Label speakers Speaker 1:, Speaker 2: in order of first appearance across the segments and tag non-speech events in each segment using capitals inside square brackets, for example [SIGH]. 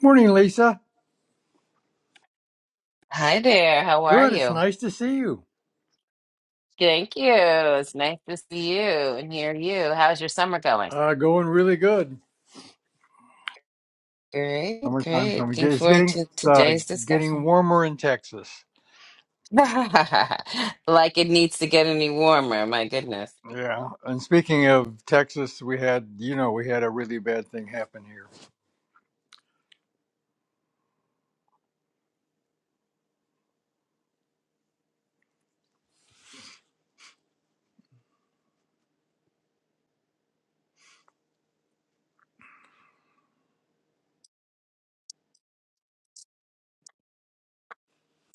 Speaker 1: Morning, Lisa.
Speaker 2: Hi there. How are
Speaker 1: Good. It's
Speaker 2: you?
Speaker 1: nice to see you.
Speaker 2: Thank you. It's nice to see you and hear you. How's your summer going?
Speaker 1: Uh, going really good.
Speaker 2: Great,
Speaker 1: Summertime's
Speaker 2: great.
Speaker 1: coming.
Speaker 2: Looking
Speaker 1: It's
Speaker 2: forward
Speaker 1: getting
Speaker 2: to
Speaker 1: it's, uh,
Speaker 2: today's
Speaker 1: getting
Speaker 2: discussion.
Speaker 1: warmer in Texas.
Speaker 2: [LAUGHS] Like it needs to get any warmer, my goodness.
Speaker 1: Yeah. And speaking of Texas, we had you know we had a really bad thing happen here.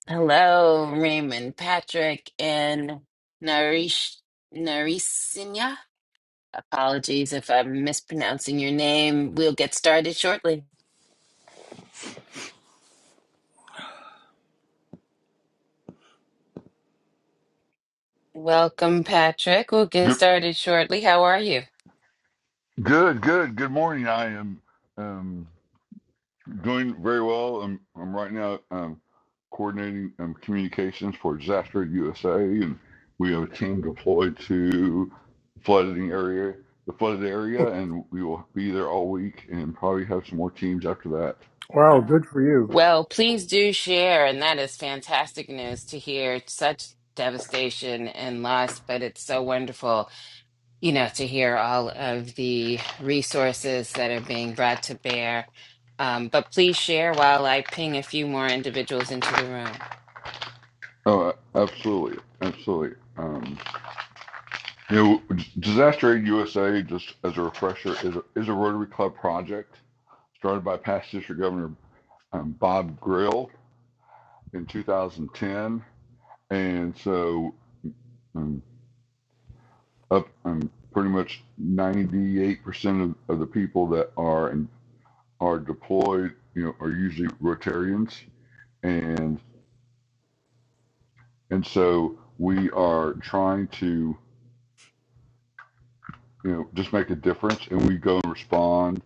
Speaker 2: Hello, Raymond, Patrick, and Narish Narisinya. Apologies if I'm mispronouncing your name. We'll get started shortly. Welcome, Patrick. We'll get
Speaker 3: Good,
Speaker 2: started shortly. How are you?
Speaker 3: good, good. Good morning. I am um, doing very well. I'm, I'm right now um, coordinating um, communications for Disaster USA, and we have a team deployed to flooding area, the flooded area, and we will be there all week, and probably have some more teams after that.
Speaker 1: Wow. Good for you.
Speaker 2: Well, please do share, and that is fantastic news to hear such devastation and loss, but it's so wonderful, you know, to hear all of the resources that are being brought to bear. Um, but please share while I ping a few more individuals into the room.
Speaker 3: Oh, absolutely, absolutely. Um, you know, Disaster Aid USA, just as a refresher, is a, is a Rotary Club project started by past District Governor um, Bob Grill in 2010, and so um, up um, pretty much 98% of, of the people that are in, are deployed, you know, are usually Rotarians, and and so we are trying to you know just make a difference, and we go and respond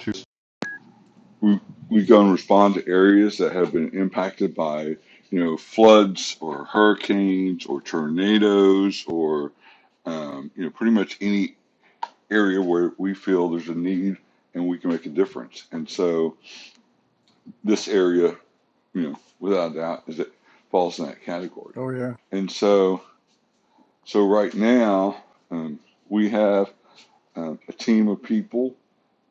Speaker 3: to we, we go and respond to areas that have been impacted by you know floods or hurricanes or tornadoes or um, you know, pretty much any area where we feel there's a need and we can make a difference. And so this area, you know, without a doubt, is it falls in that category.
Speaker 1: Oh yeah.
Speaker 3: And so, so right now, um, we have um, a team of people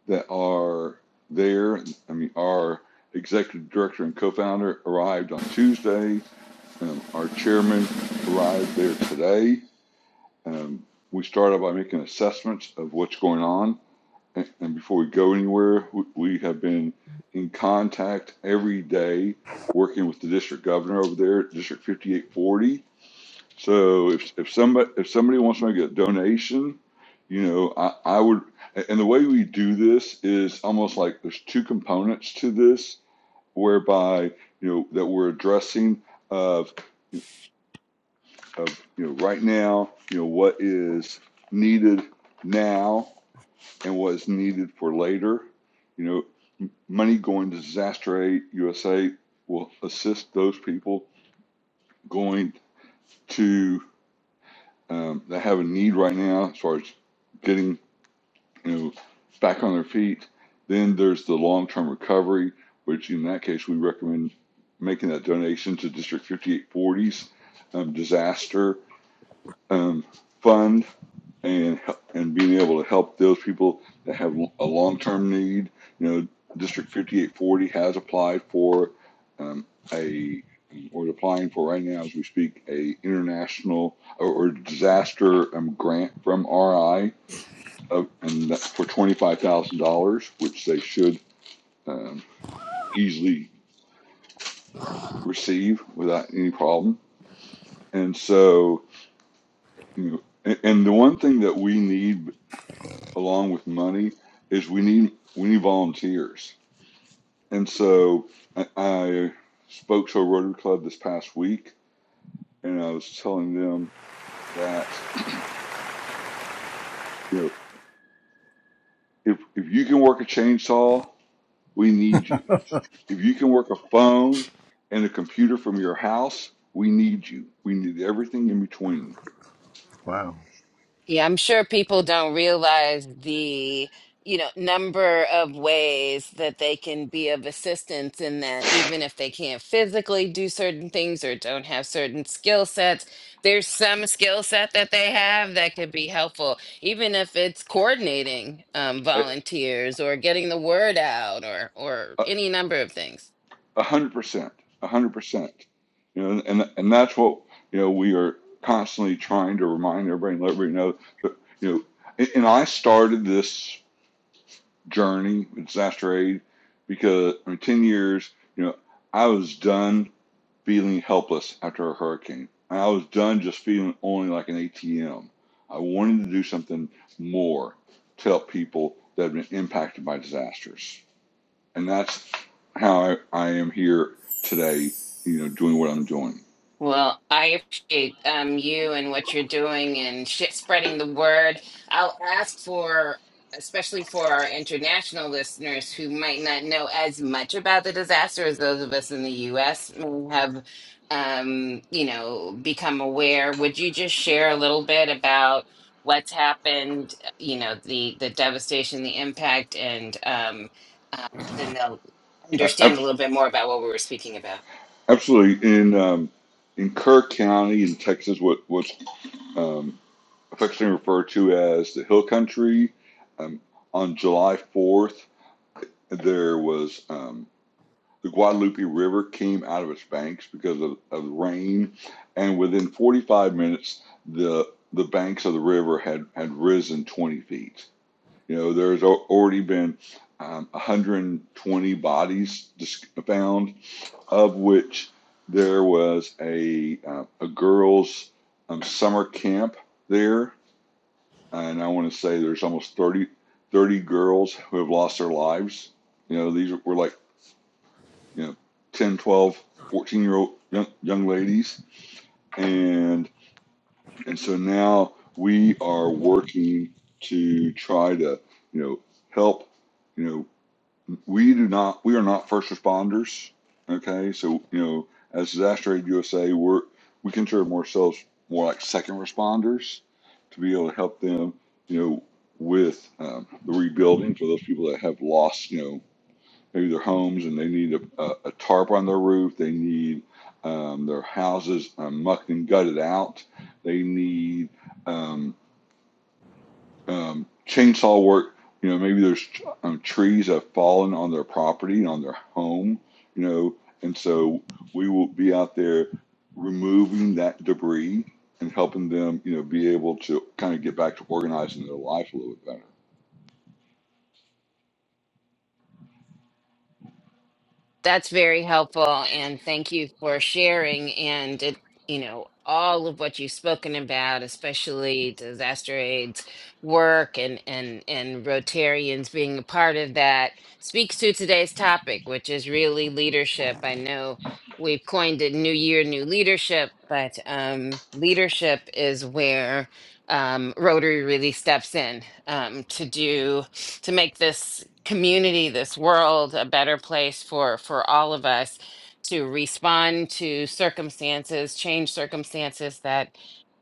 Speaker 3: that are there. I mean, our executive director and co-founder arrived on Tuesday. Um, our chairman arrived there today. Um, we started by making assessments of what's going on And before we go anywhere, we have been in contact every day working with the district governor over there, District 5840. So if, if somebody if somebody wants to make a donation, you know, I, I would and the way we do this is almost like there's two components to this whereby, you know, that we're addressing of of you know right now, you know, what is needed now and what is needed for later you know Money going to Disaster Aid USA will assist those people going to um, that have a need right now as far as getting you know back on their feet. Then there's the long term recovery, which in that case we recommend making that donation to District 5840's um, disaster um, fund and and being able to help those people that have a a long-term need. You know, District 5840 has applied for um, a or is applying for right now as we speak a international or, or disaster um, grant from RI of, and that's for $25,000, which they should um, easily receive without any problem. And so, you know, a- and the one thing that we need along with money is we need we need volunteers. And so I, I spoke to a Rotary Club this past week, and I was telling them that you know if if you can work a chainsaw, we need you. If you can work a phone and a computer from your house, we need you. We need everything in between.
Speaker 1: [LAUGHS] Wow.
Speaker 2: Yeah, I'm sure people don't realize the, you know, number of ways that they can be of assistance in that even if they can't physically do certain things or don't have certain skill sets, there's some skill set that they have that could be helpful, even if it's coordinating um,
Speaker 3: I,
Speaker 2: volunteers or getting the word out or or
Speaker 3: I,
Speaker 2: any number of things.
Speaker 3: A hundred percent, a hundred percent. You know, and and that's what you know we are constantly trying to remind everybody and let everybody know that you know. And, and I started this journey with disaster aid because I mean, ten years. You know, I was done feeling helpless after a hurricane, and I was done just feeling only like an ATM. I wanted to do something more to help people that have been impacted by disasters and that's how I, I am here today. You know, doing what I'm doing.
Speaker 2: Well, I appreciate um, you and what you're doing and [LAUGHS] sh- spreading the word. I'll ask for, especially for our international listeners who might not know as much about the disaster as those of us in the U.S. may have, um, you know, become aware. Would you just share a little bit about what's happened? uh, You know, the the devastation, the impact, and um, uh, then they'll
Speaker 3: A-
Speaker 2: understand a little bit more about what we were speaking about.
Speaker 3: Absolutely, in um, in Kerr County in Texas, what what's um, affectionately referred to as the Hill Country, um, on July 4th, there was um, the Guadalupe River came out of its banks because of, of rain, and within 45 minutes, the the banks of the river had, had risen 20 feet. You know, there's already been um, 120 bodies found, of which there was a uh, a girls' um, summer camp there, and I want to say there's almost 30 30 girls who have lost their lives. You know, these were like you know 10, 12, 14 year old young young ladies, and and so now we are working to try to you know help you know we do not we are not first responders okay so you know as disaster aid usa we're we consider ourselves more like second responders to be able to help them you know with um, the rebuilding for those people that have lost you know maybe their homes and they need a, a, a tarp on their roof they need um, their houses um, mucked and gutted out they need um, um, chainsaw work. You know, maybe there's um, trees that have fallen on their property and on their home. You know, and so we will be out there removing that debris and helping them. You know, be able to kind of get back to organizing their life a little bit better.
Speaker 2: That's very helpful, and thank you for sharing. And it, you know, all of what you've spoken about, especially disaster aid's work and and and Rotarians being a part of that, speaks to today's topic, which is really leadership. I know we've coined it "New Year, New Leadership," but um, leadership is where um, Rotary really steps in um, to do to make this community, this world a better place for for all of us to respond to circumstances, change circumstances that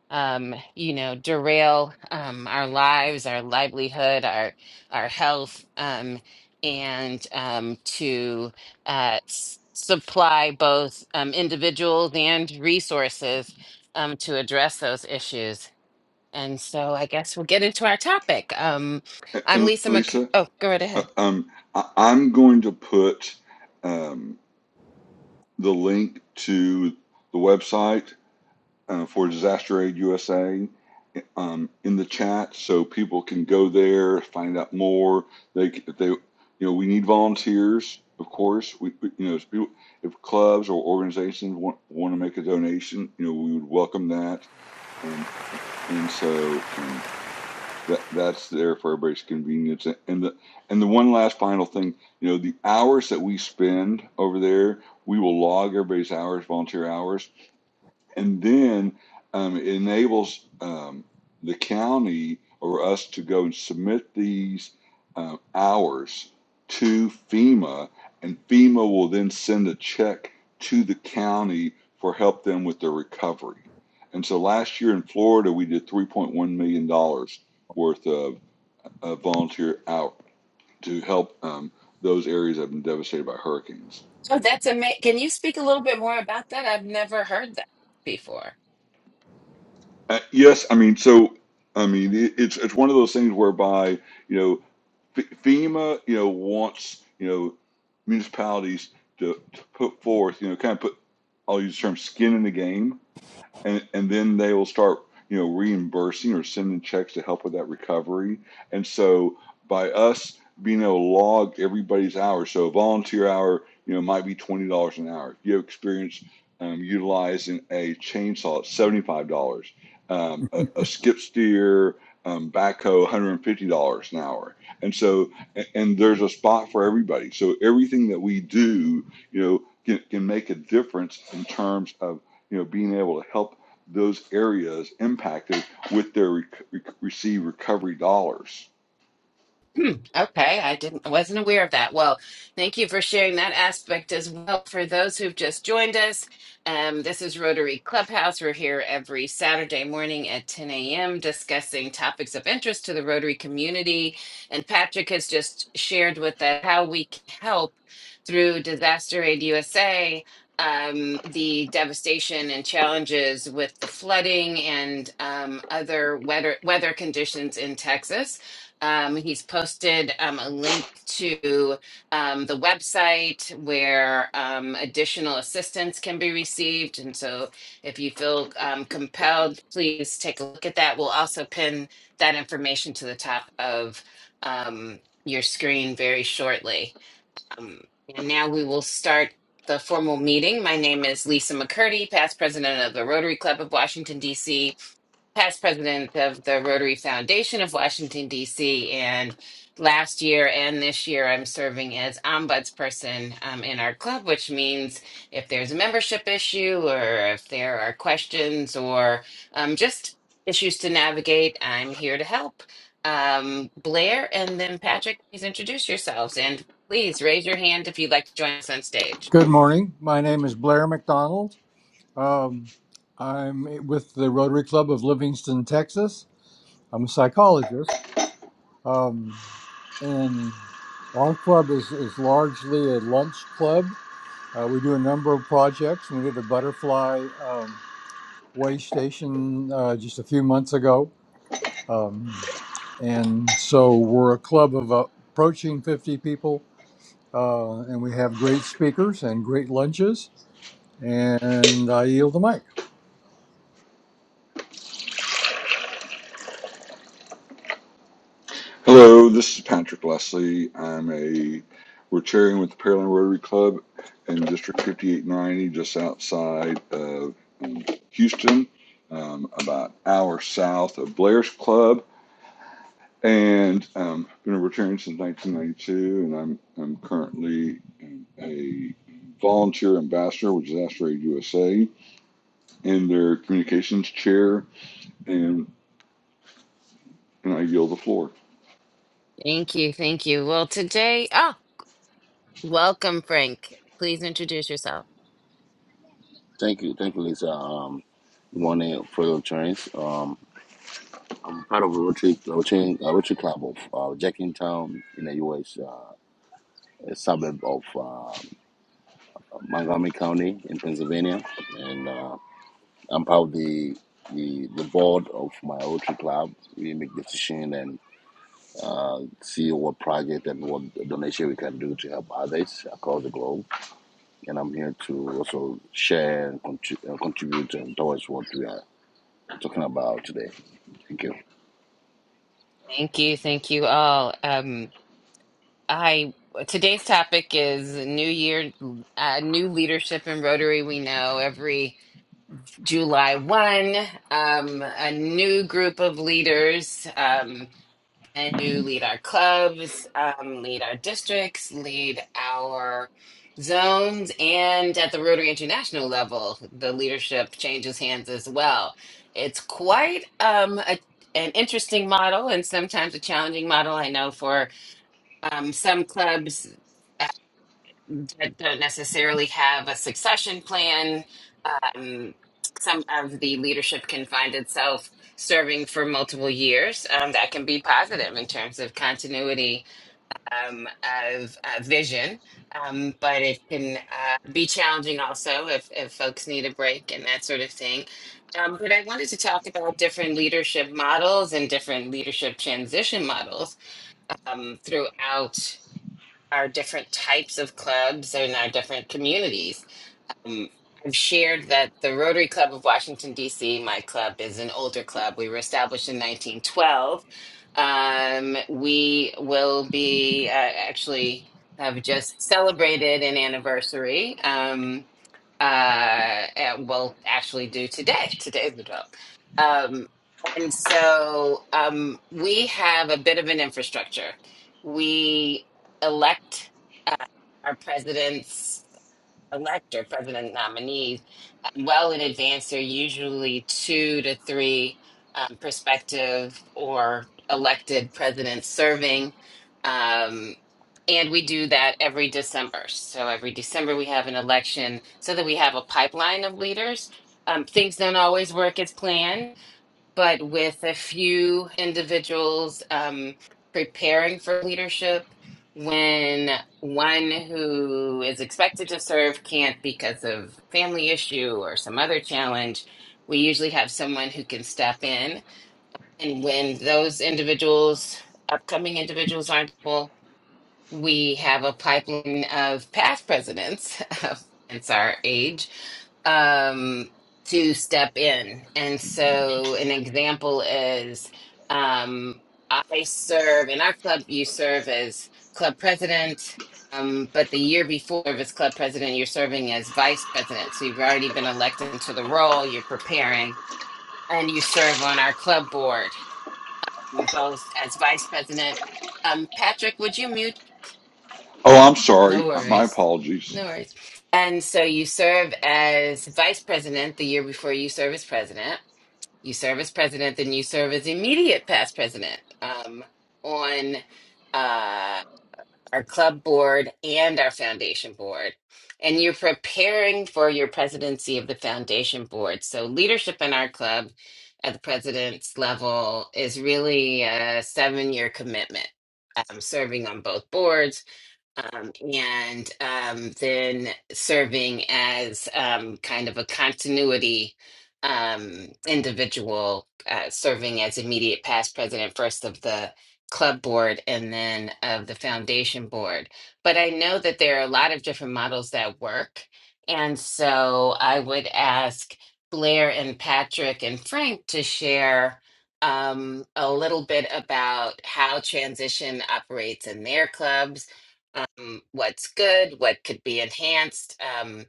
Speaker 2: um, you know derail um, our lives, our livelihood, our our health, um, and um, to uh, s- supply both um, individuals and resources um, to address those issues. And so I guess we'll get into our topic. Um,
Speaker 3: A-
Speaker 2: I'm
Speaker 3: And,
Speaker 2: Lisa Mc.
Speaker 3: Lisa,
Speaker 2: Oh, go right
Speaker 3: uh,
Speaker 2: ahead.
Speaker 3: um, I, I'm going to put um, the link to the website uh, for Disaster Aid USA um, in the chat, so people can go there, find out more. They, they, you know, we need volunteers, of course. We, we- you know, if, people, if clubs or organizations want want to make a donation, you know, we would welcome that. Um, and so um, that that's there for everybody's convenience. And the and the one last final thing, you know, the hours that we spend over there, we will log everybody's hours, volunteer hours and then um, it enables um, the county or us to go and submit these um, hours to FEMA, and FEMA will then send a check to the county for help them with their recovery. And so last year in Florida, we did $3.1 million dollars worth of, of volunteer out to help um, those areas that have been devastated by hurricanes.
Speaker 2: So that's amazing. Can you speak a little bit more about that? I've never heard that before.
Speaker 3: Uh, yes, I mean, so I mean, it, it's it's one of those things whereby you know F- FEMA, you know, wants you know municipalities to, to put forth, you know, kind of put I'll use the term skin in the game and and then they will start you know reimbursing or sending checks to help with that recovery and so by us being able to log everybody's hours so a volunteer hour you know might be $20 an hour if you have experience um, utilizing a chainsaw it's $75 um, a, a skip steer um, backhoe $150 an hour and so a- and there's a spot for everybody so everything that we do you know can, can make a difference in terms of you know, being able to help those areas impacted with their rec- rec- receive recovery dollars.
Speaker 2: Hmm, Okay, I didn't wasn't aware of that. Well, thank you for sharing that aspect as well. For those who've just joined us, um, this is Rotary Clubhouse. We're here every Saturday morning at 10 a.m. discussing topics of interest to the Rotary community. And Patrick has just shared with us how we can help through Disaster Aid USA, um, the devastation and challenges with the flooding and um, other weather weather conditions in Texas. Um, he's posted um, a link to um, the website where um, additional assistance can be received. And so if you feel um, compelled, please take a look at that. We'll also pin that information to the top of um, your screen very shortly. Um, and now we will start the formal meeting. My name is Lisa McCurdy, past president of the Rotary Club of Washington, D.C past president of the Rotary Foundation of Washington, D.C. And last year and this year, I'm serving as ombudsperson um, in our club, which means if there's a membership issue or if there are questions or um, just issues to navigate, I'm here to help. Um, Blair and then Patrick, please introduce yourselves and please raise your hand if you'd like to join us on stage.
Speaker 1: Good morning. My name is Blair McDonald. Um, I'm with the Rotary Club of Livingston, Texas. I'm a psychologist. Um, and our club is, is largely a lunch club Uh, we do a number of projects. We did a butterfly um, way station uh, just a few months ago. Um, and so we're a club of uh, approaching 50 people, uh, and we have great speakers and great lunches. And I yield the mic.
Speaker 3: Hello, this is Patrick Leslie. I'm a Rotarian with the Pearland Rotary Club in District 5890, just outside of um, Houston, um, about an hour south of Blair's Club. And um, been a Rotarian since 1992, and I'm I'm currently um, a volunteer ambassador with Disaster Aid USA and their communications chair and and I yield the floor.
Speaker 2: Thank you. Thank you. Well, today, ah, welcome, Frank. Please introduce yourself.
Speaker 4: Thank you, thank you, Lisa. Um, good morning for your trends. Um, I'm part of a Rotary Rotary, uh, Rotary Club of uh, Jackingtown in the U.S., uh, a suburb of uh, Montgomery County in Pennsylvania, and uh, I'm part of the the the board of my Rotary Club. We make decision and uh, see what project and what donation we can do to help others across the globe. And I'm here to also share and contri- uh, contribute um, towards what we are talking about today. Thank you.
Speaker 2: Thank you, thank you all. Um, I today's topic is New Year, uh, new leadership in Rotary. We know every July one, um, a new group of leaders. Um, and to lead our clubs, um, lead our districts, lead our zones, and at the Rotary International level, the leadership changes hands as well. It's quite um, a, an interesting model and sometimes a challenging model. I know for um, some clubs that don't necessarily have a succession plan. Um, some of the leadership can find itself serving for multiple years. Um, that can be positive in terms of continuity um, of uh, vision, um, but it can uh, be challenging also if, if folks need a break and that sort of thing. Um, but I wanted to talk about different leadership models and different leadership transition models um, throughout our different types of clubs and our different communities. Um, I've shared that the Rotary Club of Washington, D.C., my club, is an older club. We were established in 1912. Um, we will be uh, actually have just celebrated an anniversary. Um, uh, and we'll actually do today. Today's the 12th. Um, and so um, we have a bit of an infrastructure. We elect uh, our presidents elector, president nominees, um, well in advance. There are usually two to three um, prospective or elected presidents serving. Um, and we do that every December. So every December we have an election so that we have a pipeline of leaders. Um, things don't always work as planned but with a few individuals um, preparing for leadership when one who is expected to serve can't because of family issue or some other challenge we usually have someone who can step in and when those individuals upcoming individuals aren't able we have a pipeline of past presidents [LAUGHS] of hence our age um to step in and so an example is um i serve in our club you serve as club president um but the year before as club president you're serving as vice president so you've already been elected into the role you're preparing and you serve on our club board both as vice president um patrick would you mute
Speaker 3: Oh, I'm sorry.
Speaker 2: no
Speaker 3: My
Speaker 2: worries.
Speaker 3: apologies.
Speaker 2: No worries. And so you serve as vice president the year before you serve as president. You serve as president, then you serve as immediate past president um, on uh, our club board and our foundation board. And you're preparing for your presidency of the foundation board. So leadership in our club at the president's level is really a seven year commitment. Um, serving on both boards, um, and um, then serving as um, kind of a continuity um, individual, uh, serving as immediate past president, first of the club board and then of the foundation board. But I know that there are a lot of different models that work. And so I would ask Blair and Patrick and Frank to share um, a little bit about how transition operates in their clubs um, what's good, what could be enhanced. Um,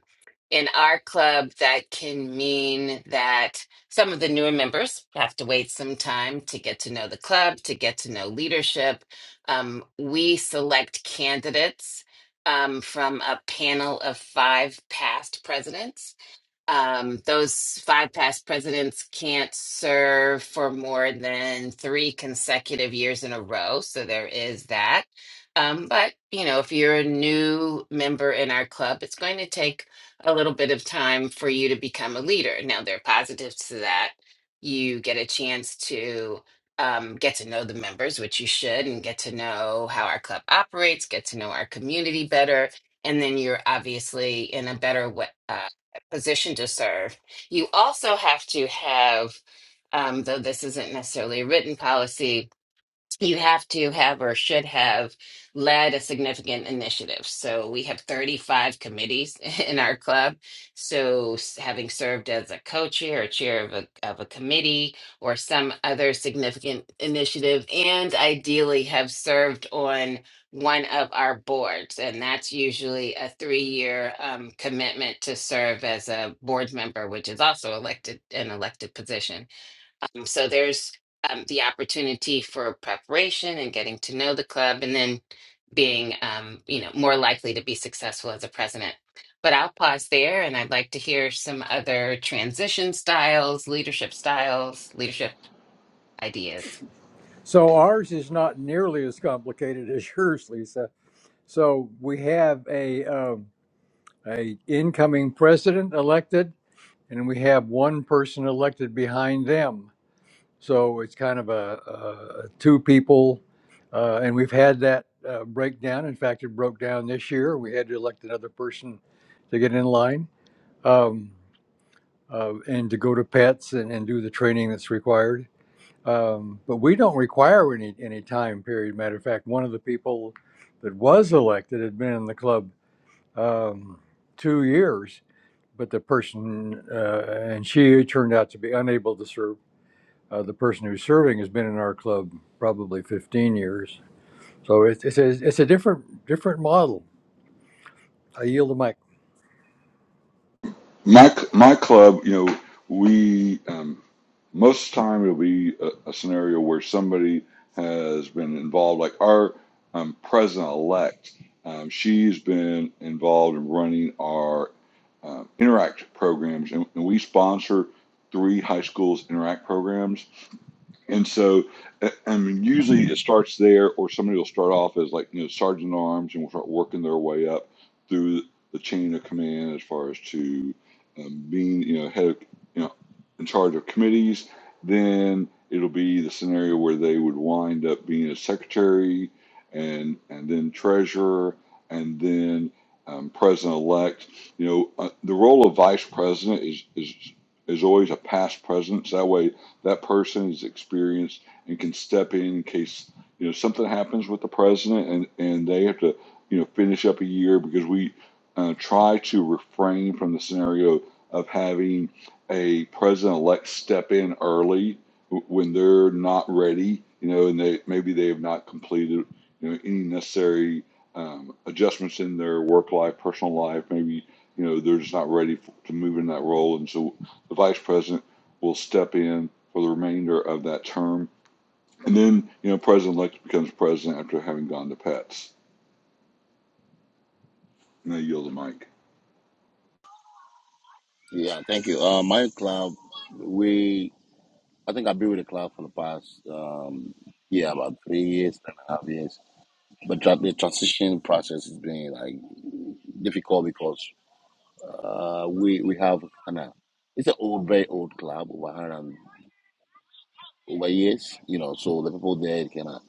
Speaker 2: in our club, that can mean that some of the newer members have to wait some time to get to know the club, to get to know leadership. Um, we select candidates um, from a panel of five past presidents um, those five past presidents can't serve for more than three consecutive years in a row. So there is that. Um, but, you know, if you're a new member in our club, it's going to take a little bit of time for you to become a leader. Now, there are positives to that. You get a chance to um, get to know the members, which you should, and get to know how our club operates, get to know our community better. And then you're obviously in a better way position to serve. You also have to have, um, though this isn't necessarily a written policy, you have to have or should have led a significant initiative. So we have 35 committees [LAUGHS] in our club. So s- having served as a co-chair or chair of a, of a committee or some other significant initiative, and ideally have served on one of our boards. And that's usually a three-year um, commitment to serve as a board member, which is also elected an elected position. Um, So there's um, the opportunity for preparation and getting to know the club and then being, um, you know, more likely to be successful as a president. But I'll pause there and I'd like to hear some other transition styles, leadership styles, leadership ideas.
Speaker 1: So ours is not nearly as complicated [LAUGHS] as yours, Lisa. So we have a um, a incoming president elected, and we have one person elected behind them So it's kind of a, a two people, uh, and we've had that uh, breakdown. In fact, it broke down this year. We had to elect another person to get in line um, uh, and to go to pets and, and do the training that's required. Um, but we don't require any any time period. Matter of fact, one of the people that was elected had been in the club um, two years, but the person uh, and she turned out to be unable to serve uh, the person who's serving has been in our club probably 15 years. So it's, it's, a, it's a different, different model. I yield the mic.
Speaker 3: My my club, you know, we um, most of the time it'll be a, a scenario where somebody has been involved. Like our um, president elect, um, she's been involved in running our um, interact programs, and, and we sponsor three high schools interact programs And so, uh, I mean, usually it starts there, or somebody will start off as like, you know, sergeant at arms and will start working their way up through the chain of command as far as to um, being, you know, head of, you know, in charge of committees. Then it'll be the scenario where they would wind up being a secretary and, and then treasurer and then um, president elect. You know, uh, the role of vice president is, is, is always a past president. So that way, that person is experienced and can step in in case you know something happens with the president and and they have to you know finish up a year because we uh, try to refrain from the scenario of having a president-elect step in early w- when they're not ready, you know, and they maybe they have not completed you know any necessary um, adjustments in their work life, personal life. Maybe you know they're just not ready f to move in that role, and so the vice president will step in for the remainder of that term. And then, you know, President-elect becomes president after having gone to pets. And I yield the mic.
Speaker 4: Yeah, thank you. Uh, my club, we I think I've been with the club for the past um, yeah about three years, three and a half years. But tra- the transition process has been like difficult because uh, we we have kind of it's an old, very old club over hundred and- over years, you know. So the people there kind of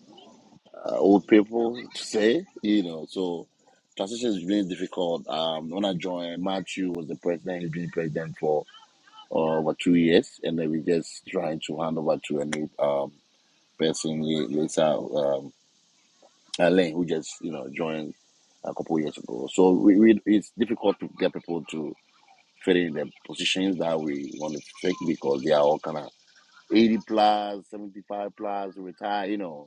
Speaker 4: uh, old people to say, you know. So transition is really difficult. Um, when I joined, Matthew was the president. He's been president for or over two years, and then we just trying to hand over to a new um, person later, um, Elaine, who just you know joined a couple years ago. So we, we it's difficult to get people to fit in the positions that we want to take because they are all kind of 80 plus, 75 plus, retired, you know.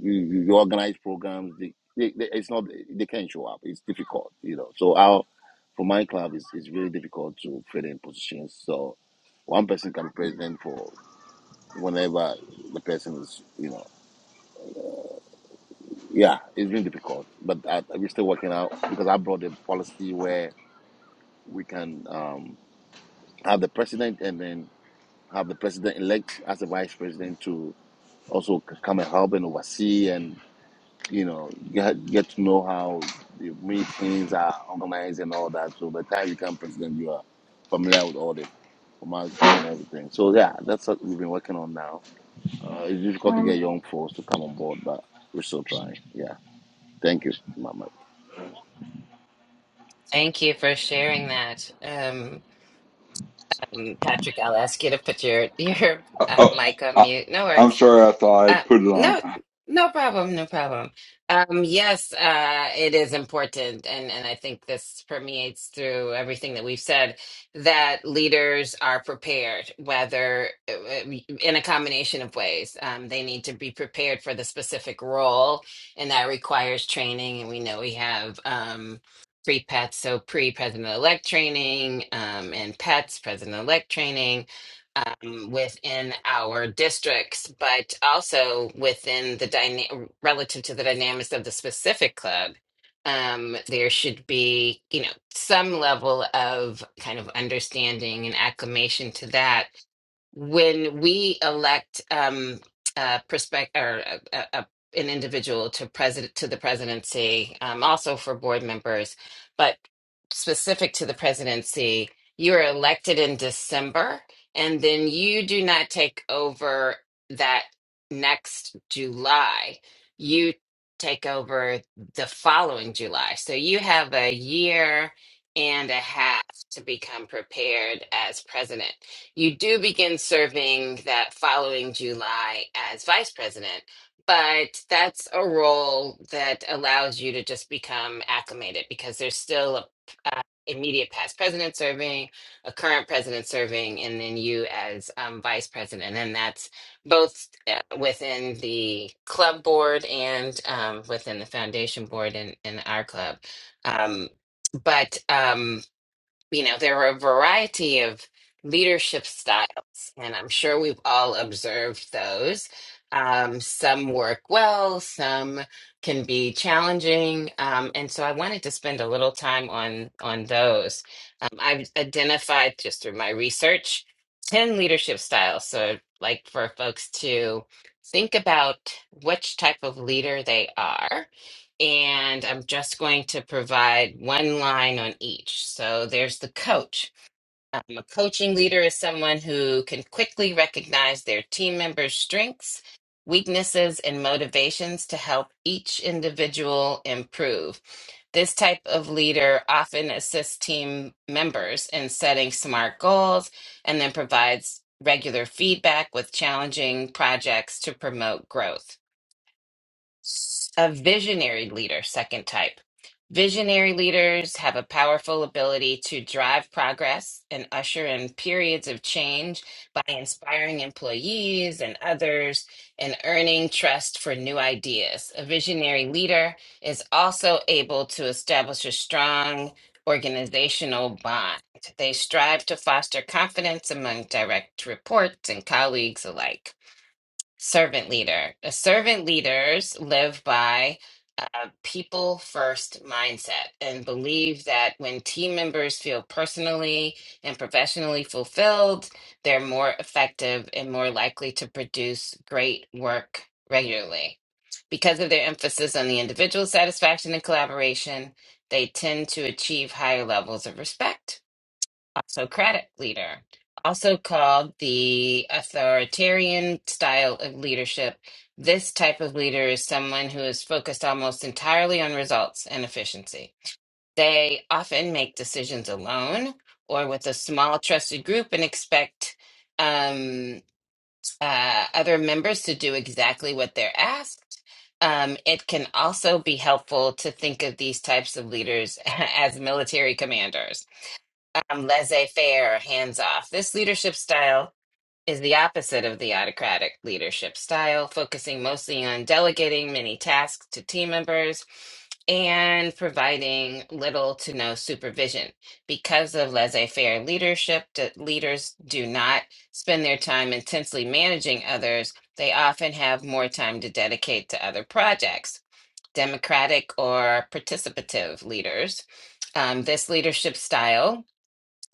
Speaker 4: You, you organize programs. They, they, they, it's not they can't show up. It's difficult, you know. So our for my club, it's, it's really difficult to fill in positions. So one person can be president for whenever the person is, you know. Yeah, it's been difficult, but I, we're still working out because I brought a policy where we can um, have the president and then have the president elect as a vice president to also c- come and help and oversee. and. you know, get get to know how the meetings are organized and all that. So by the time you become president, you are familiar with all the formalities and everything. So yeah, that's what we've been working on now. Uh, it's difficult to
Speaker 3: When
Speaker 4: get young folks to come on board, but we're still trying. Yeah, thank you, Mama.
Speaker 2: Thank you for sharing that. Um, um, Patrick, I'll ask you to put your, [LAUGHS] your uh,
Speaker 3: Oh,
Speaker 2: mic on
Speaker 3: I,
Speaker 2: mute. No
Speaker 3: I'm
Speaker 2: worries.
Speaker 3: sorry. I thought
Speaker 2: Uh,
Speaker 3: I'd put it on.
Speaker 2: no, no problem, no problem. Um, yes, uh, it is important, and and I think this permeates through everything that we've said that leaders are prepared, whether uh, in a combination of ways. Um, they need to be prepared for the specific role, and that requires training. And we know we have um, pre-PETS, so pre-president-elect training, um, and PETS, president-elect training um, within our districts, but also within the dyna- relative to the dynamics of the specific club. Um, there should be, you know, some level of kind of understanding and acclimation to that when we elect um uh prospect or uh uh uh, an individual to president to the presidency um also for board members but specific to the presidency you are elected in December and then you do not take over that next July you take over the following July so you have a year and a half to become prepared as president you do begin serving that following July as vice president, but that's a role that allows you to just become acclimated because there's still a uh, immediate past president serving, a current president serving, and then you as um, vice president, and that's both uh, within the club board and um, within the foundation board and in, in our club. Um, but um, you know, there are a variety of leadership styles, and I'm sure we've all observed those. Um, some work well, some can be challenging, um, and so I wanted to spend a little time on on those. Um, I've identified just through my research ten leadership styles. So, I'd like for folks to think about which type of leader they are and I'm just going to provide one line on each. So there's the coach. Um, a coaching leader is someone who can quickly recognize their team members' strengths, weaknesses, and motivations to help each individual improve. This type of leader often assists team members in setting smart goals and then provides regular feedback with challenging projects to promote growth. S- A visionary leader, second type. Visionary leaders have a powerful ability to drive progress and usher in periods of change by inspiring employees and others and earning trust for new ideas. A visionary leader is also able to establish a strong organizational bond. They strive to foster confidence among direct reports and colleagues alike servant leader. The servant leaders live by a people first mindset and believe that when team members feel personally and professionally fulfilled, they're more effective and more likely to produce great work regularly. Because of their emphasis on the individual satisfaction and collaboration, they tend to achieve higher levels of respect Socratic leader, also called the authoritarian style of leadership. This type of leader is someone who is focused almost entirely on results and efficiency. They often make decisions alone or with a small trusted group and expect um, uh, other members to do exactly what they're asked. Um, it can also be helpful to think of these types of leaders [LAUGHS] as military commanders um, laissez faire, hands off. This leadership style is the opposite of the autocratic leadership style, focusing mostly on delegating many tasks to team members and providing little to no supervision. Because of laissez faire leadership, d- leaders do not spend their time intensely managing others, they often have more time to dedicate to other projects. Democratic or participative leaders. Um, this leadership style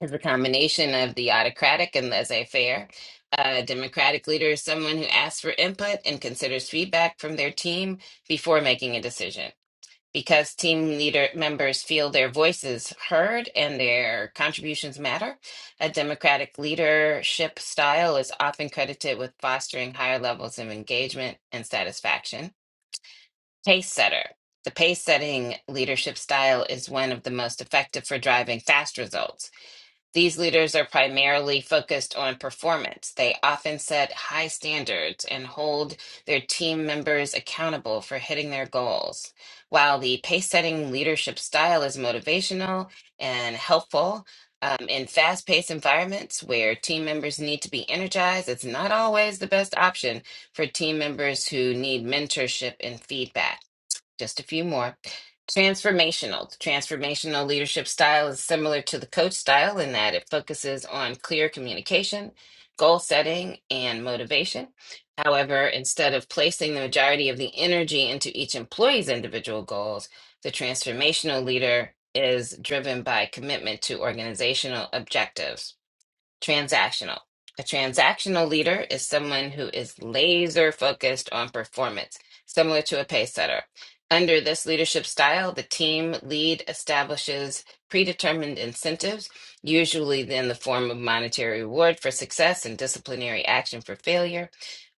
Speaker 2: is a combination of the autocratic and laissez-faire. A democratic leader is someone who asks for input and considers feedback from their team before making a decision. Because team leader members feel their voices heard and their contributions matter, a democratic leadership style is often credited with fostering higher levels of engagement and satisfaction. Pace setter. The pace setting leadership style is one of the most effective for driving fast results these leaders are primarily focused on performance. They often set high standards and hold their team members accountable for hitting their goals. While the pace setting leadership style is motivational and helpful, um, in fast paced environments where team members need to be energized, it's not always the best option for team members who need mentorship and feedback just a few more. Transformational. The transformational leadership style is similar to the coach style in that it focuses on clear communication, goal setting, and motivation. However, instead of placing the majority of the energy into each employee's individual goals, the transformational leader is driven by commitment to organizational objectives. Transactional. A transactional leader is someone who is laser focused on performance, similar to a pace setter. Under this leadership style, the team lead establishes predetermined incentives, usually in the form of monetary reward for success and disciplinary action for failure.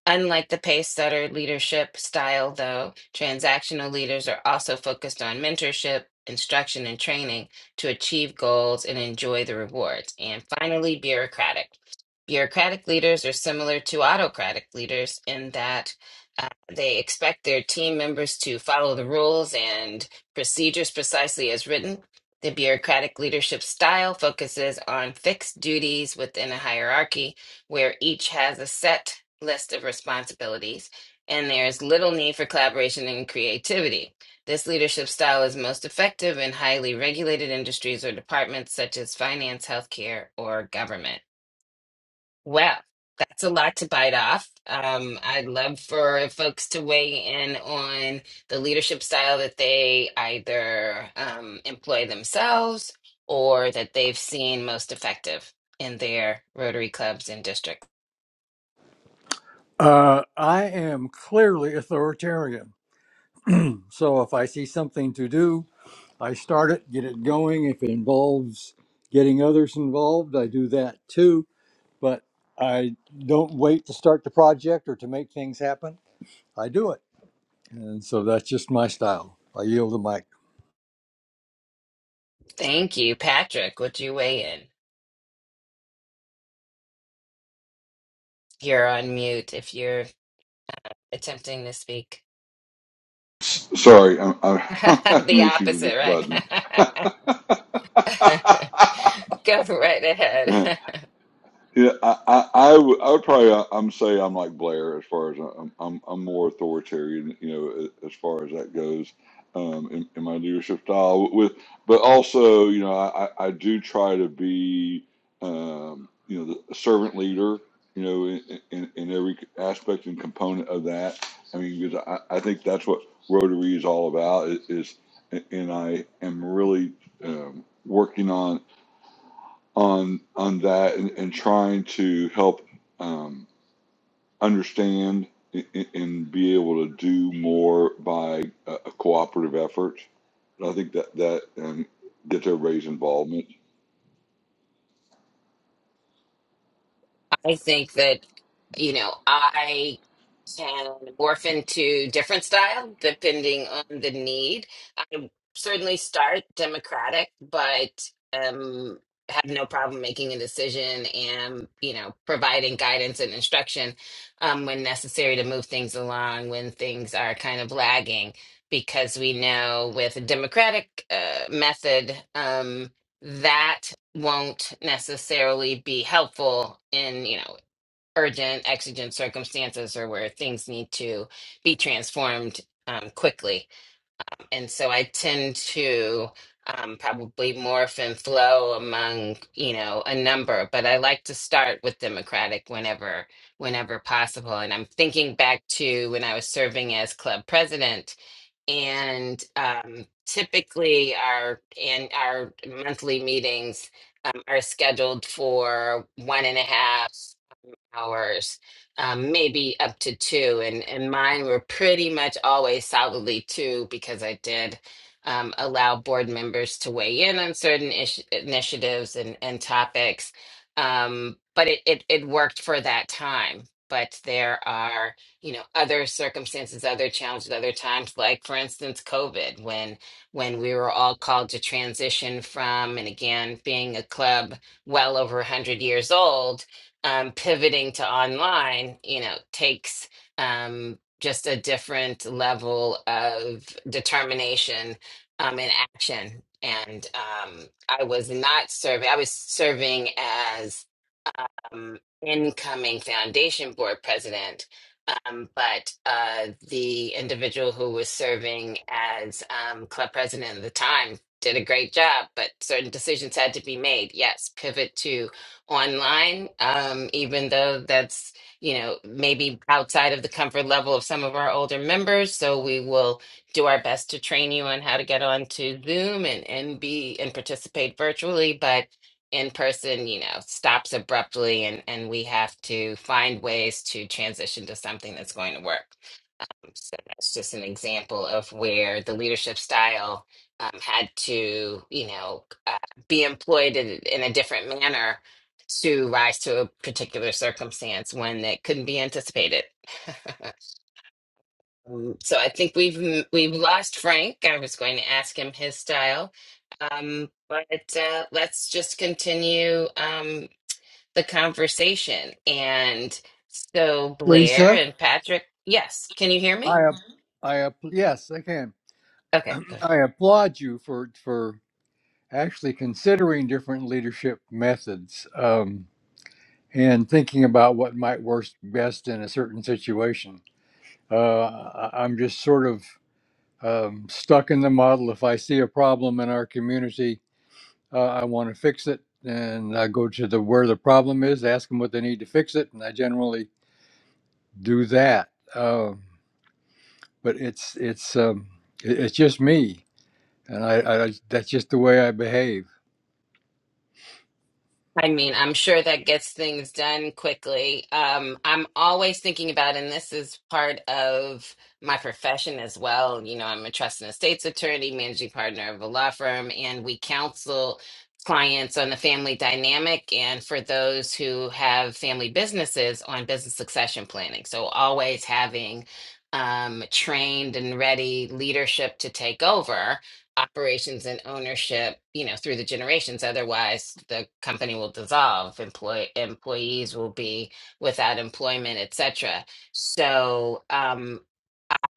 Speaker 2: Unlike the pace setter leadership style, though, transactional leaders are also focused on mentorship, instruction, and training to achieve goals and enjoy the rewards. And finally, bureaucratic. Bureaucratic leaders are similar to autocratic leaders in that uh, they expect their team members to follow the rules and procedures precisely as written. The bureaucratic leadership style focuses on fixed duties within a hierarchy where each has a set list of responsibilities, and there is little need for collaboration and creativity. This leadership style is most effective in highly regulated industries or departments such as finance, healthcare, or government. Well, that's a lot to bite off. Um, I'd love for folks to weigh in on the leadership style that they either um, employ themselves or that they've seen most effective in their Rotary clubs and districts.
Speaker 1: Uh, I am clearly authoritarian. So if I see something to do, I start it, get it going. If it involves getting others involved, I do that too. But I don't wait to start the project or to make things happen. I do it. And so that's just my style. I yield the mic.
Speaker 2: Thank you, Patrick. Would you weigh in? You're on mute if you're attempting to speak.
Speaker 3: Sorry, I'm, I'm
Speaker 2: [LAUGHS]
Speaker 3: [LAUGHS] having
Speaker 2: The
Speaker 3: issues with
Speaker 2: opposite,
Speaker 3: this button.
Speaker 2: right? [LAUGHS] Go right
Speaker 3: [LAUGHS]
Speaker 2: ahead. [LAUGHS]
Speaker 3: Yeah, I, I, I would, I would probably, uh, I'm say I'm like Blair as far as uh, I'm, I'm, I'm more authoritarian, you know, a- as far as that goes, um, in, in my leadership style. With, but also, you know, I, I I do try to be, um, you know, the servant leader, you know, in, in, in every aspect and component of that. I mean, because I, I think that's what Rotary is all about. Is, is and I am really um, working on on on that and, and trying to help um, understand and be able to do more by a, a cooperative effort. And I think that that um, gets everybody's involvement.
Speaker 2: I think that, you know, I can morph into different style depending on the need. I certainly start Democratic, but um, have no problem making a decision and, you know, providing guidance and instruction um, when necessary to move things along when things are kind of lagging. Because we know with a democratic uh, method, um, that won't necessarily be helpful in you know urgent exigent circumstances or where things need to be transformed um, quickly and so i tend to um, probably morph and flow among you know a number but i like to start with democratic whenever whenever possible and i'm thinking back to when i was serving as club president and um, typically our and our monthly meetings um, are scheduled for one and a half hours, um, maybe up to two. And and mine were pretty much always solidly two because I did um, allow board members to weigh in on certain ish- initiatives and and topics. Um, but it, it it worked for that time. But there are, you know, other circumstances, other challenges, other times, like for instance, COVID, when when we were all called to transition from, and again, being a club well over 100 years old, um, pivoting to online, you know, takes um, just a different level of determination um, and action. And um, I was not serving, I was serving as um, incoming foundation board president, um, but uh, the individual who was serving as um, club president at the time did a great job, but certain decisions had to be made. Yes, pivot to online, um, even though that's you know maybe outside of the comfort level of some of our older members so we will do our best to train you on how to get on to zoom and and be and participate virtually But in person, you know, stops abruptly and and we have to find ways to transition to something that's going to work. So that's just an example of where the leadership style um, had to, you know, uh, be employed in, in a different manner to rise to a particular circumstance when it couldn't be anticipated. [LAUGHS] Um, so I think we've m- we've lost Frank. I was going to ask him his style, um, but uh, let's just continue. Um, the conversation. And so Blair
Speaker 1: Lisa?
Speaker 2: and Patrick, yes, can you hear me?
Speaker 1: I, ap- I, ap- yes, I can.
Speaker 2: Okay, good.
Speaker 1: [CLEARS THROAT] I applaud you for for actually considering different leadership methods um, and thinking about what might work best in a certain situation. Uh, I- I'm just sort of um, stuck in the model. If I see a problem in our community, uh, I want to fix it, and I go to the where the problem is, ask them what they need to fix it, and I generally do that. Um, but it's it's um, it- it's just me, and I, I that's just the way I behave
Speaker 2: I mean, I'm sure that gets things done quickly. Um, I'm always thinking about, and this is part of my profession as well. You know, I'm a trust and estates attorney, managing partner of a law firm, and we counsel clients on the family dynamic and for those who have family businesses on business succession planning. So, always having um, trained and ready leadership to take over operations and ownership, you know, through the generations. Otherwise, the company will dissolve. Employ employees will be without employment, etc. So um,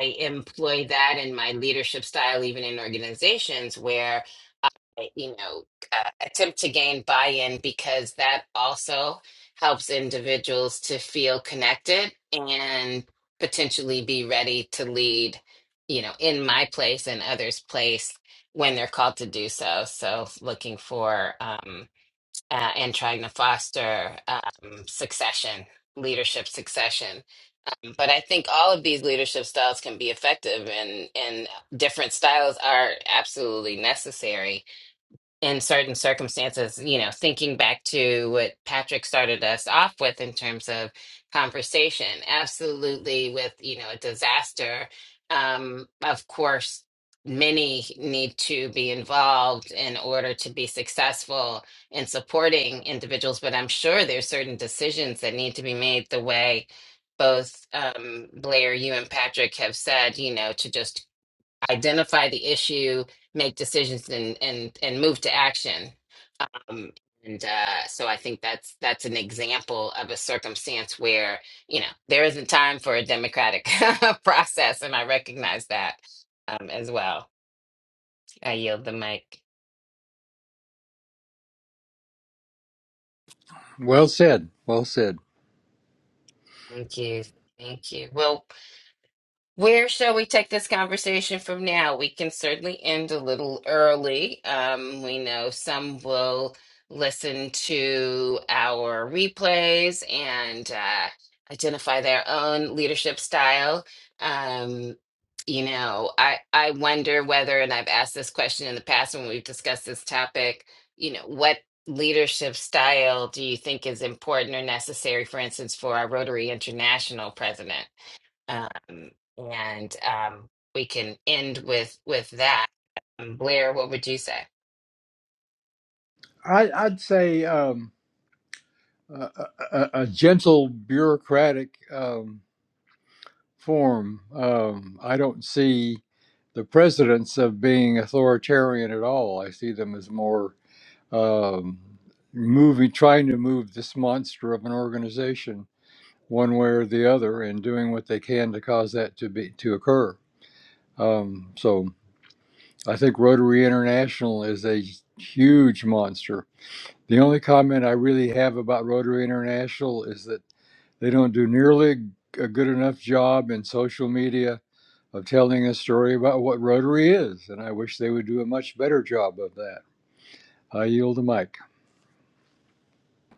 Speaker 2: I employ that in my leadership style, even in organizations where I, you know, uh, attempt to gain buy-in because that also helps individuals to feel connected and potentially be ready to lead, you know, in my place and others' place when they're called to do so. So looking for um, uh, and trying to foster um, succession, leadership succession. But I think all of these leadership styles can be effective, and and different styles are absolutely necessary in certain circumstances, you know, thinking back to what Patrick started us off with in terms of conversation, absolutely with, you know, a disaster. Um, of course, many need to be involved in order to be successful in supporting individuals, but I'm sure there's certain decisions that need to be made the way both um, Blair, you and Patrick have said, you know, to just identify the issue, make decisions, and and and move to action. Um, and uh, so I think that's that's an example of a circumstance where you know there isn't time for a democratic [LAUGHS] process, and I recognize that um, as well. I yield the mic.
Speaker 1: Well said. Well said.
Speaker 2: Thank you. Thank you. Well, Where shall we take this conversation from now? We can certainly end a little early. Um, we know some will listen to our replays and uh, identify their own leadership style. Um, you know, I, I wonder whether, and I've asked this question in the past when we've discussed this topic, you know, what leadership style do you think is important or necessary, for instance, for our Rotary International president? um, and um, we can end with with that. Um, Blair, what would you say?
Speaker 1: I, I'd say um, a, a, a gentle bureaucratic um, form. Um, I don't see the presidents of being authoritarian at all. I see them as more um, moving, trying to move this monster of an organization one way or the other, and doing what they can to cause that to be to occur. Um, so I think Rotary International is a huge monster The only comment I really have about Rotary International is that they don't do nearly a good enough job in social media of telling a story about what Rotary is, and I wish they would do a much better job of that. I yield the mic.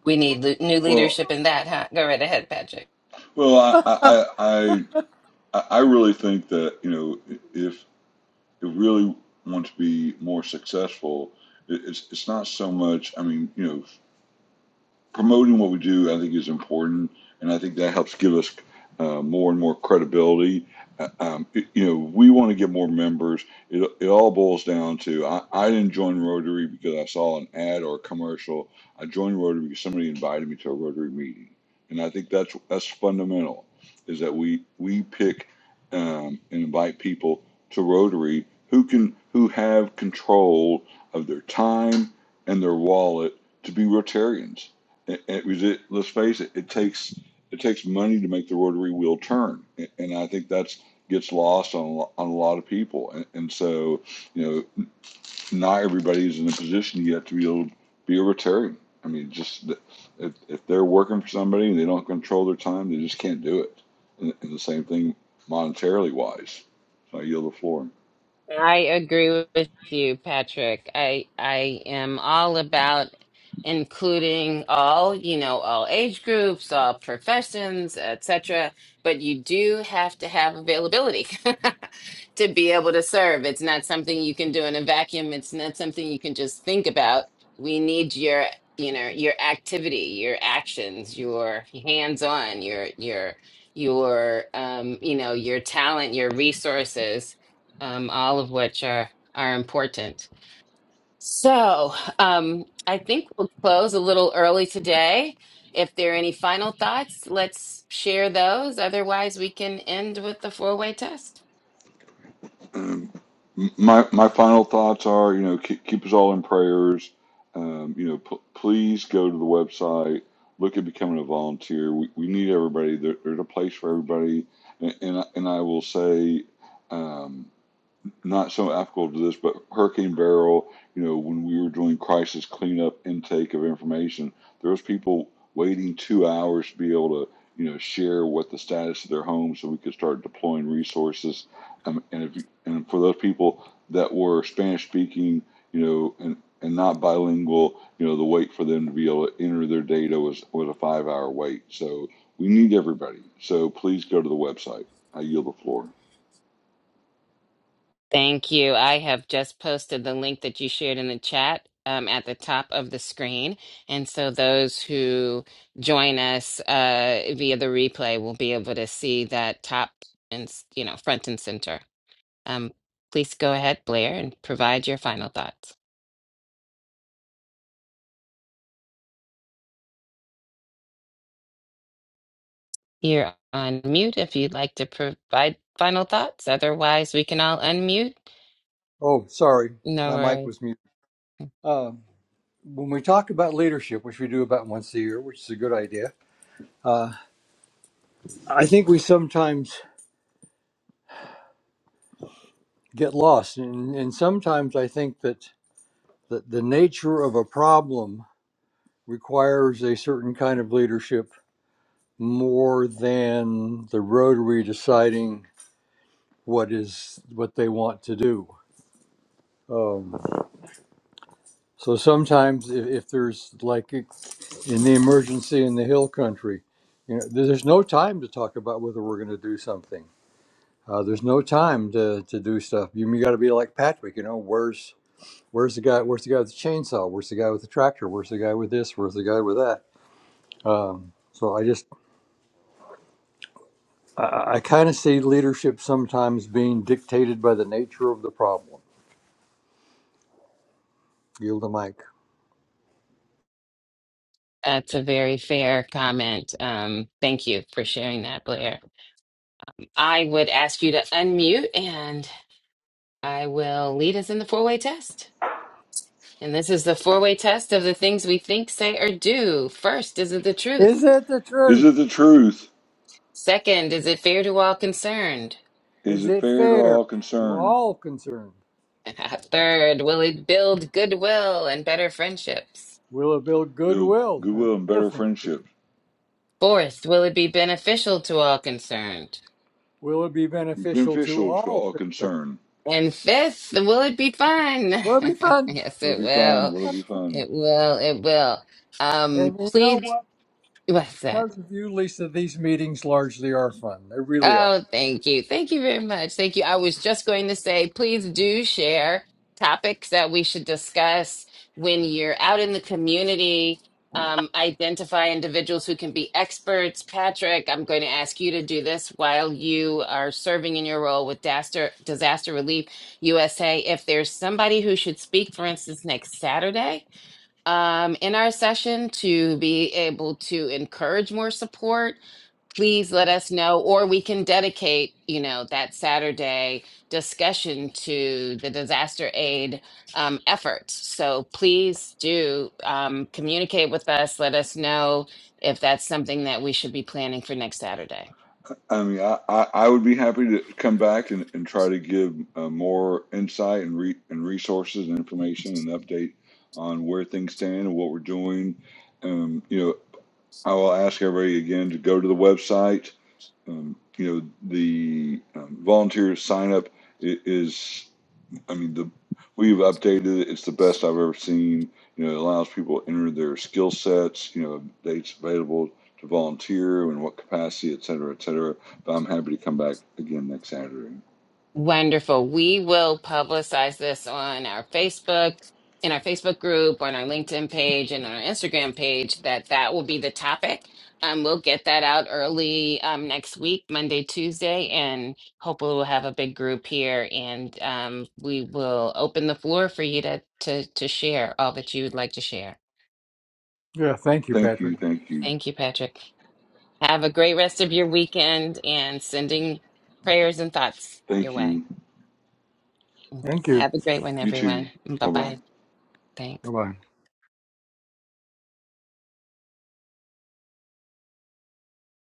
Speaker 2: We need le- new
Speaker 3: Well,
Speaker 2: leadership in that, huh? Go right ahead, Patrick.
Speaker 3: well, I I, I I really think that you know if if really want to be more successful, it, it's it's not so much. I mean, you know, promoting what we do, I think, is important, and I think that helps give us uh, more and more credibility. Uh, Um, it- you know, we want to get more members. It, it all boils down to I, I didn't join Rotary because I saw an ad or a commercial. I joined Rotary because somebody invited me to a Rotary meeting, and I think that's that's fundamental. Is that we we pick um, and invite people to Rotary who can who have control of their time and their wallet to be Rotarians it, it was it. Let's face it. It takes it takes money to make the rotary wheel turn, and I think that's gets lost on on a lot of people. And, and so, you know, not everybody's in a position yet to be able to be a Rotarian. I mean, just if, if they're working for somebody and they don't control their time, they just can't do it. And, and the same thing monetarily wise. So I yield the floor.
Speaker 2: I agree with you, Patrick. I I am all about including all, you know, all age groups, all professions, etc. But you do have to have availability [LAUGHS] to be able to serve. It's not something you can do in a vacuum. It's not something you can just think about. We need your, you know, your activity, your actions, your hands-on, your your your um, you know, your talent, your resources um, all of which are are important. So um, I think we'll close a little early today. If there are any final thoughts, let's share those. Otherwise, we can end with the four way test.
Speaker 3: Um, my my final thoughts are, you know, keep, keep us all in prayers. Um, you know, p- please go to the website, look at becoming a volunteer. We, we need everybody. There, there's a place for everybody, and and I, and I will say. Um, not so applicable to this, but Hurricane Barrel, you know, when we were doing crisis cleanup intake of information, there was people waiting two hours to be able to, you know, share what the status of their home so we could start deploying resources. Um, and if you, and for those people that were Spanish speaking, you know, and and not bilingual, you know, the wait for them to be able to enter their data was was a five hour wait. So we need everybody. So please go to the website. I yield the floor.
Speaker 2: Thank you. I have just posted the link that you shared in the chat um, at the top of the screen. And so those who join us uh, via the replay will be able to see that top and, s- you know, front and center. Um, please go ahead, Blair, and provide your final thoughts. You're on mute if you'd like to provide final thoughts. Otherwise, we can all unmute.
Speaker 1: Oh, sorry,
Speaker 2: No
Speaker 1: my mic
Speaker 2: worries.
Speaker 1: was muted. Uh, when we talk about leadership, which we do about once a year, which is a good idea, uh, I think we sometimes get lost, and, and sometimes I think that, that the nature of a problem requires a certain kind of leadership more than the Rotary deciding what is what they want to do. Um, so sometimes, if, if there's like in the emergency in the hill country, you know, there's no time to talk about whether we're going to do something. Uh, there's no time to, to do stuff. You, you got to be like Patrick. You know, where's where's the guy? Where's the guy with the chainsaw? Where's the guy with the tractor? Where's the guy with this? Where's the guy with that? Um, so I just I, I kind of see leadership sometimes being dictated by the nature of the problem. Yield the mic.
Speaker 2: That's a very fair comment. Um, thank you for sharing that, Blair. I would ask you to unmute and I will lead us in the four way test. And this is the four way test of the things we think, say, or do. First, is it the
Speaker 1: Is
Speaker 2: truth?
Speaker 1: it the
Speaker 3: Is it
Speaker 1: truth?
Speaker 3: the truth?
Speaker 2: Second, is it fair to all concerned?
Speaker 3: Is
Speaker 1: Is
Speaker 3: it
Speaker 1: it
Speaker 3: fair to
Speaker 1: fair
Speaker 3: all
Speaker 1: to
Speaker 3: concerned?
Speaker 1: all concerned?
Speaker 2: [LAUGHS] And at Third, will it build goodwill and better friendships?
Speaker 1: Will it build
Speaker 3: Build
Speaker 1: goodwill and
Speaker 3: goodwill and better
Speaker 1: difference?
Speaker 3: friendships.
Speaker 2: Fourth, will it be beneficial to all concerned?
Speaker 1: Will it be
Speaker 3: It's
Speaker 1: beneficial to
Speaker 3: beneficial to
Speaker 1: all
Speaker 3: all
Speaker 1: concerned?
Speaker 3: concerned.
Speaker 2: And fifth, will it be fun? [LAUGHS]
Speaker 1: Will it be fun?
Speaker 2: yes,
Speaker 3: Will it
Speaker 2: it
Speaker 3: be fun?
Speaker 2: will.
Speaker 3: Will it be fun?
Speaker 2: It will. It will. Um,
Speaker 1: And you know
Speaker 2: please,
Speaker 1: what?
Speaker 2: what's that?
Speaker 1: Because of you, Lisa, these meetings largely are fun. They really are.
Speaker 2: Oh, thank you. Thank you very much. Thank you. I was just going to say, please do share topics that we should discuss when you're out in the community. Um, identify individuals who can be experts. Patrick, I'm going to ask you to do this while you are serving in your role with Disaster, Disaster Relief USA. If there's somebody who should speak, for instance, next Saturday um, in our session to be able to encourage more support please let us know, or we can dedicate, you know, that Saturday discussion to the disaster aid um, efforts. So please do um, communicate with us. Let us know if that's something that we should be planning for next Saturday.
Speaker 3: I mean, I, I, I would be happy to come back and, and try to give uh, more insight and, re, and resources and information and update on where things stand and what we're doing. Um, you know, I will ask everybody again to go to the website. Um, you know, the um, volunteer sign up is I mean, the we've updated it. It's the best I've ever seen. You know, it allows people to enter their skill sets. You know, dates available to volunteer in what capacity, et cetera, et cetera. But I'm happy to come back again next Saturday.
Speaker 2: Wonderful. We will publicize this on our Facebook, in our Facebook group, on our LinkedIn page, and on our Instagram page. That that will be the topic. Um, we'll get that out early um, next week, Monday, Tuesday, and hopefully we'll have a big group here. And um, we will open the floor for you to to to share all that you would like to share.
Speaker 1: Yeah, thank you,
Speaker 3: Thank
Speaker 1: Patrick.
Speaker 3: you, thank you,
Speaker 2: Thank you, Patrick. Have a great rest of your weekend, and sending prayers and thoughts your
Speaker 3: thank
Speaker 2: way.
Speaker 3: you.
Speaker 1: Thank you.
Speaker 2: Have a great one,
Speaker 3: You
Speaker 2: everyone.
Speaker 3: too.
Speaker 2: Bye
Speaker 3: Bye
Speaker 2: bye.
Speaker 3: bye.
Speaker 2: Thanks.
Speaker 1: Bye bye.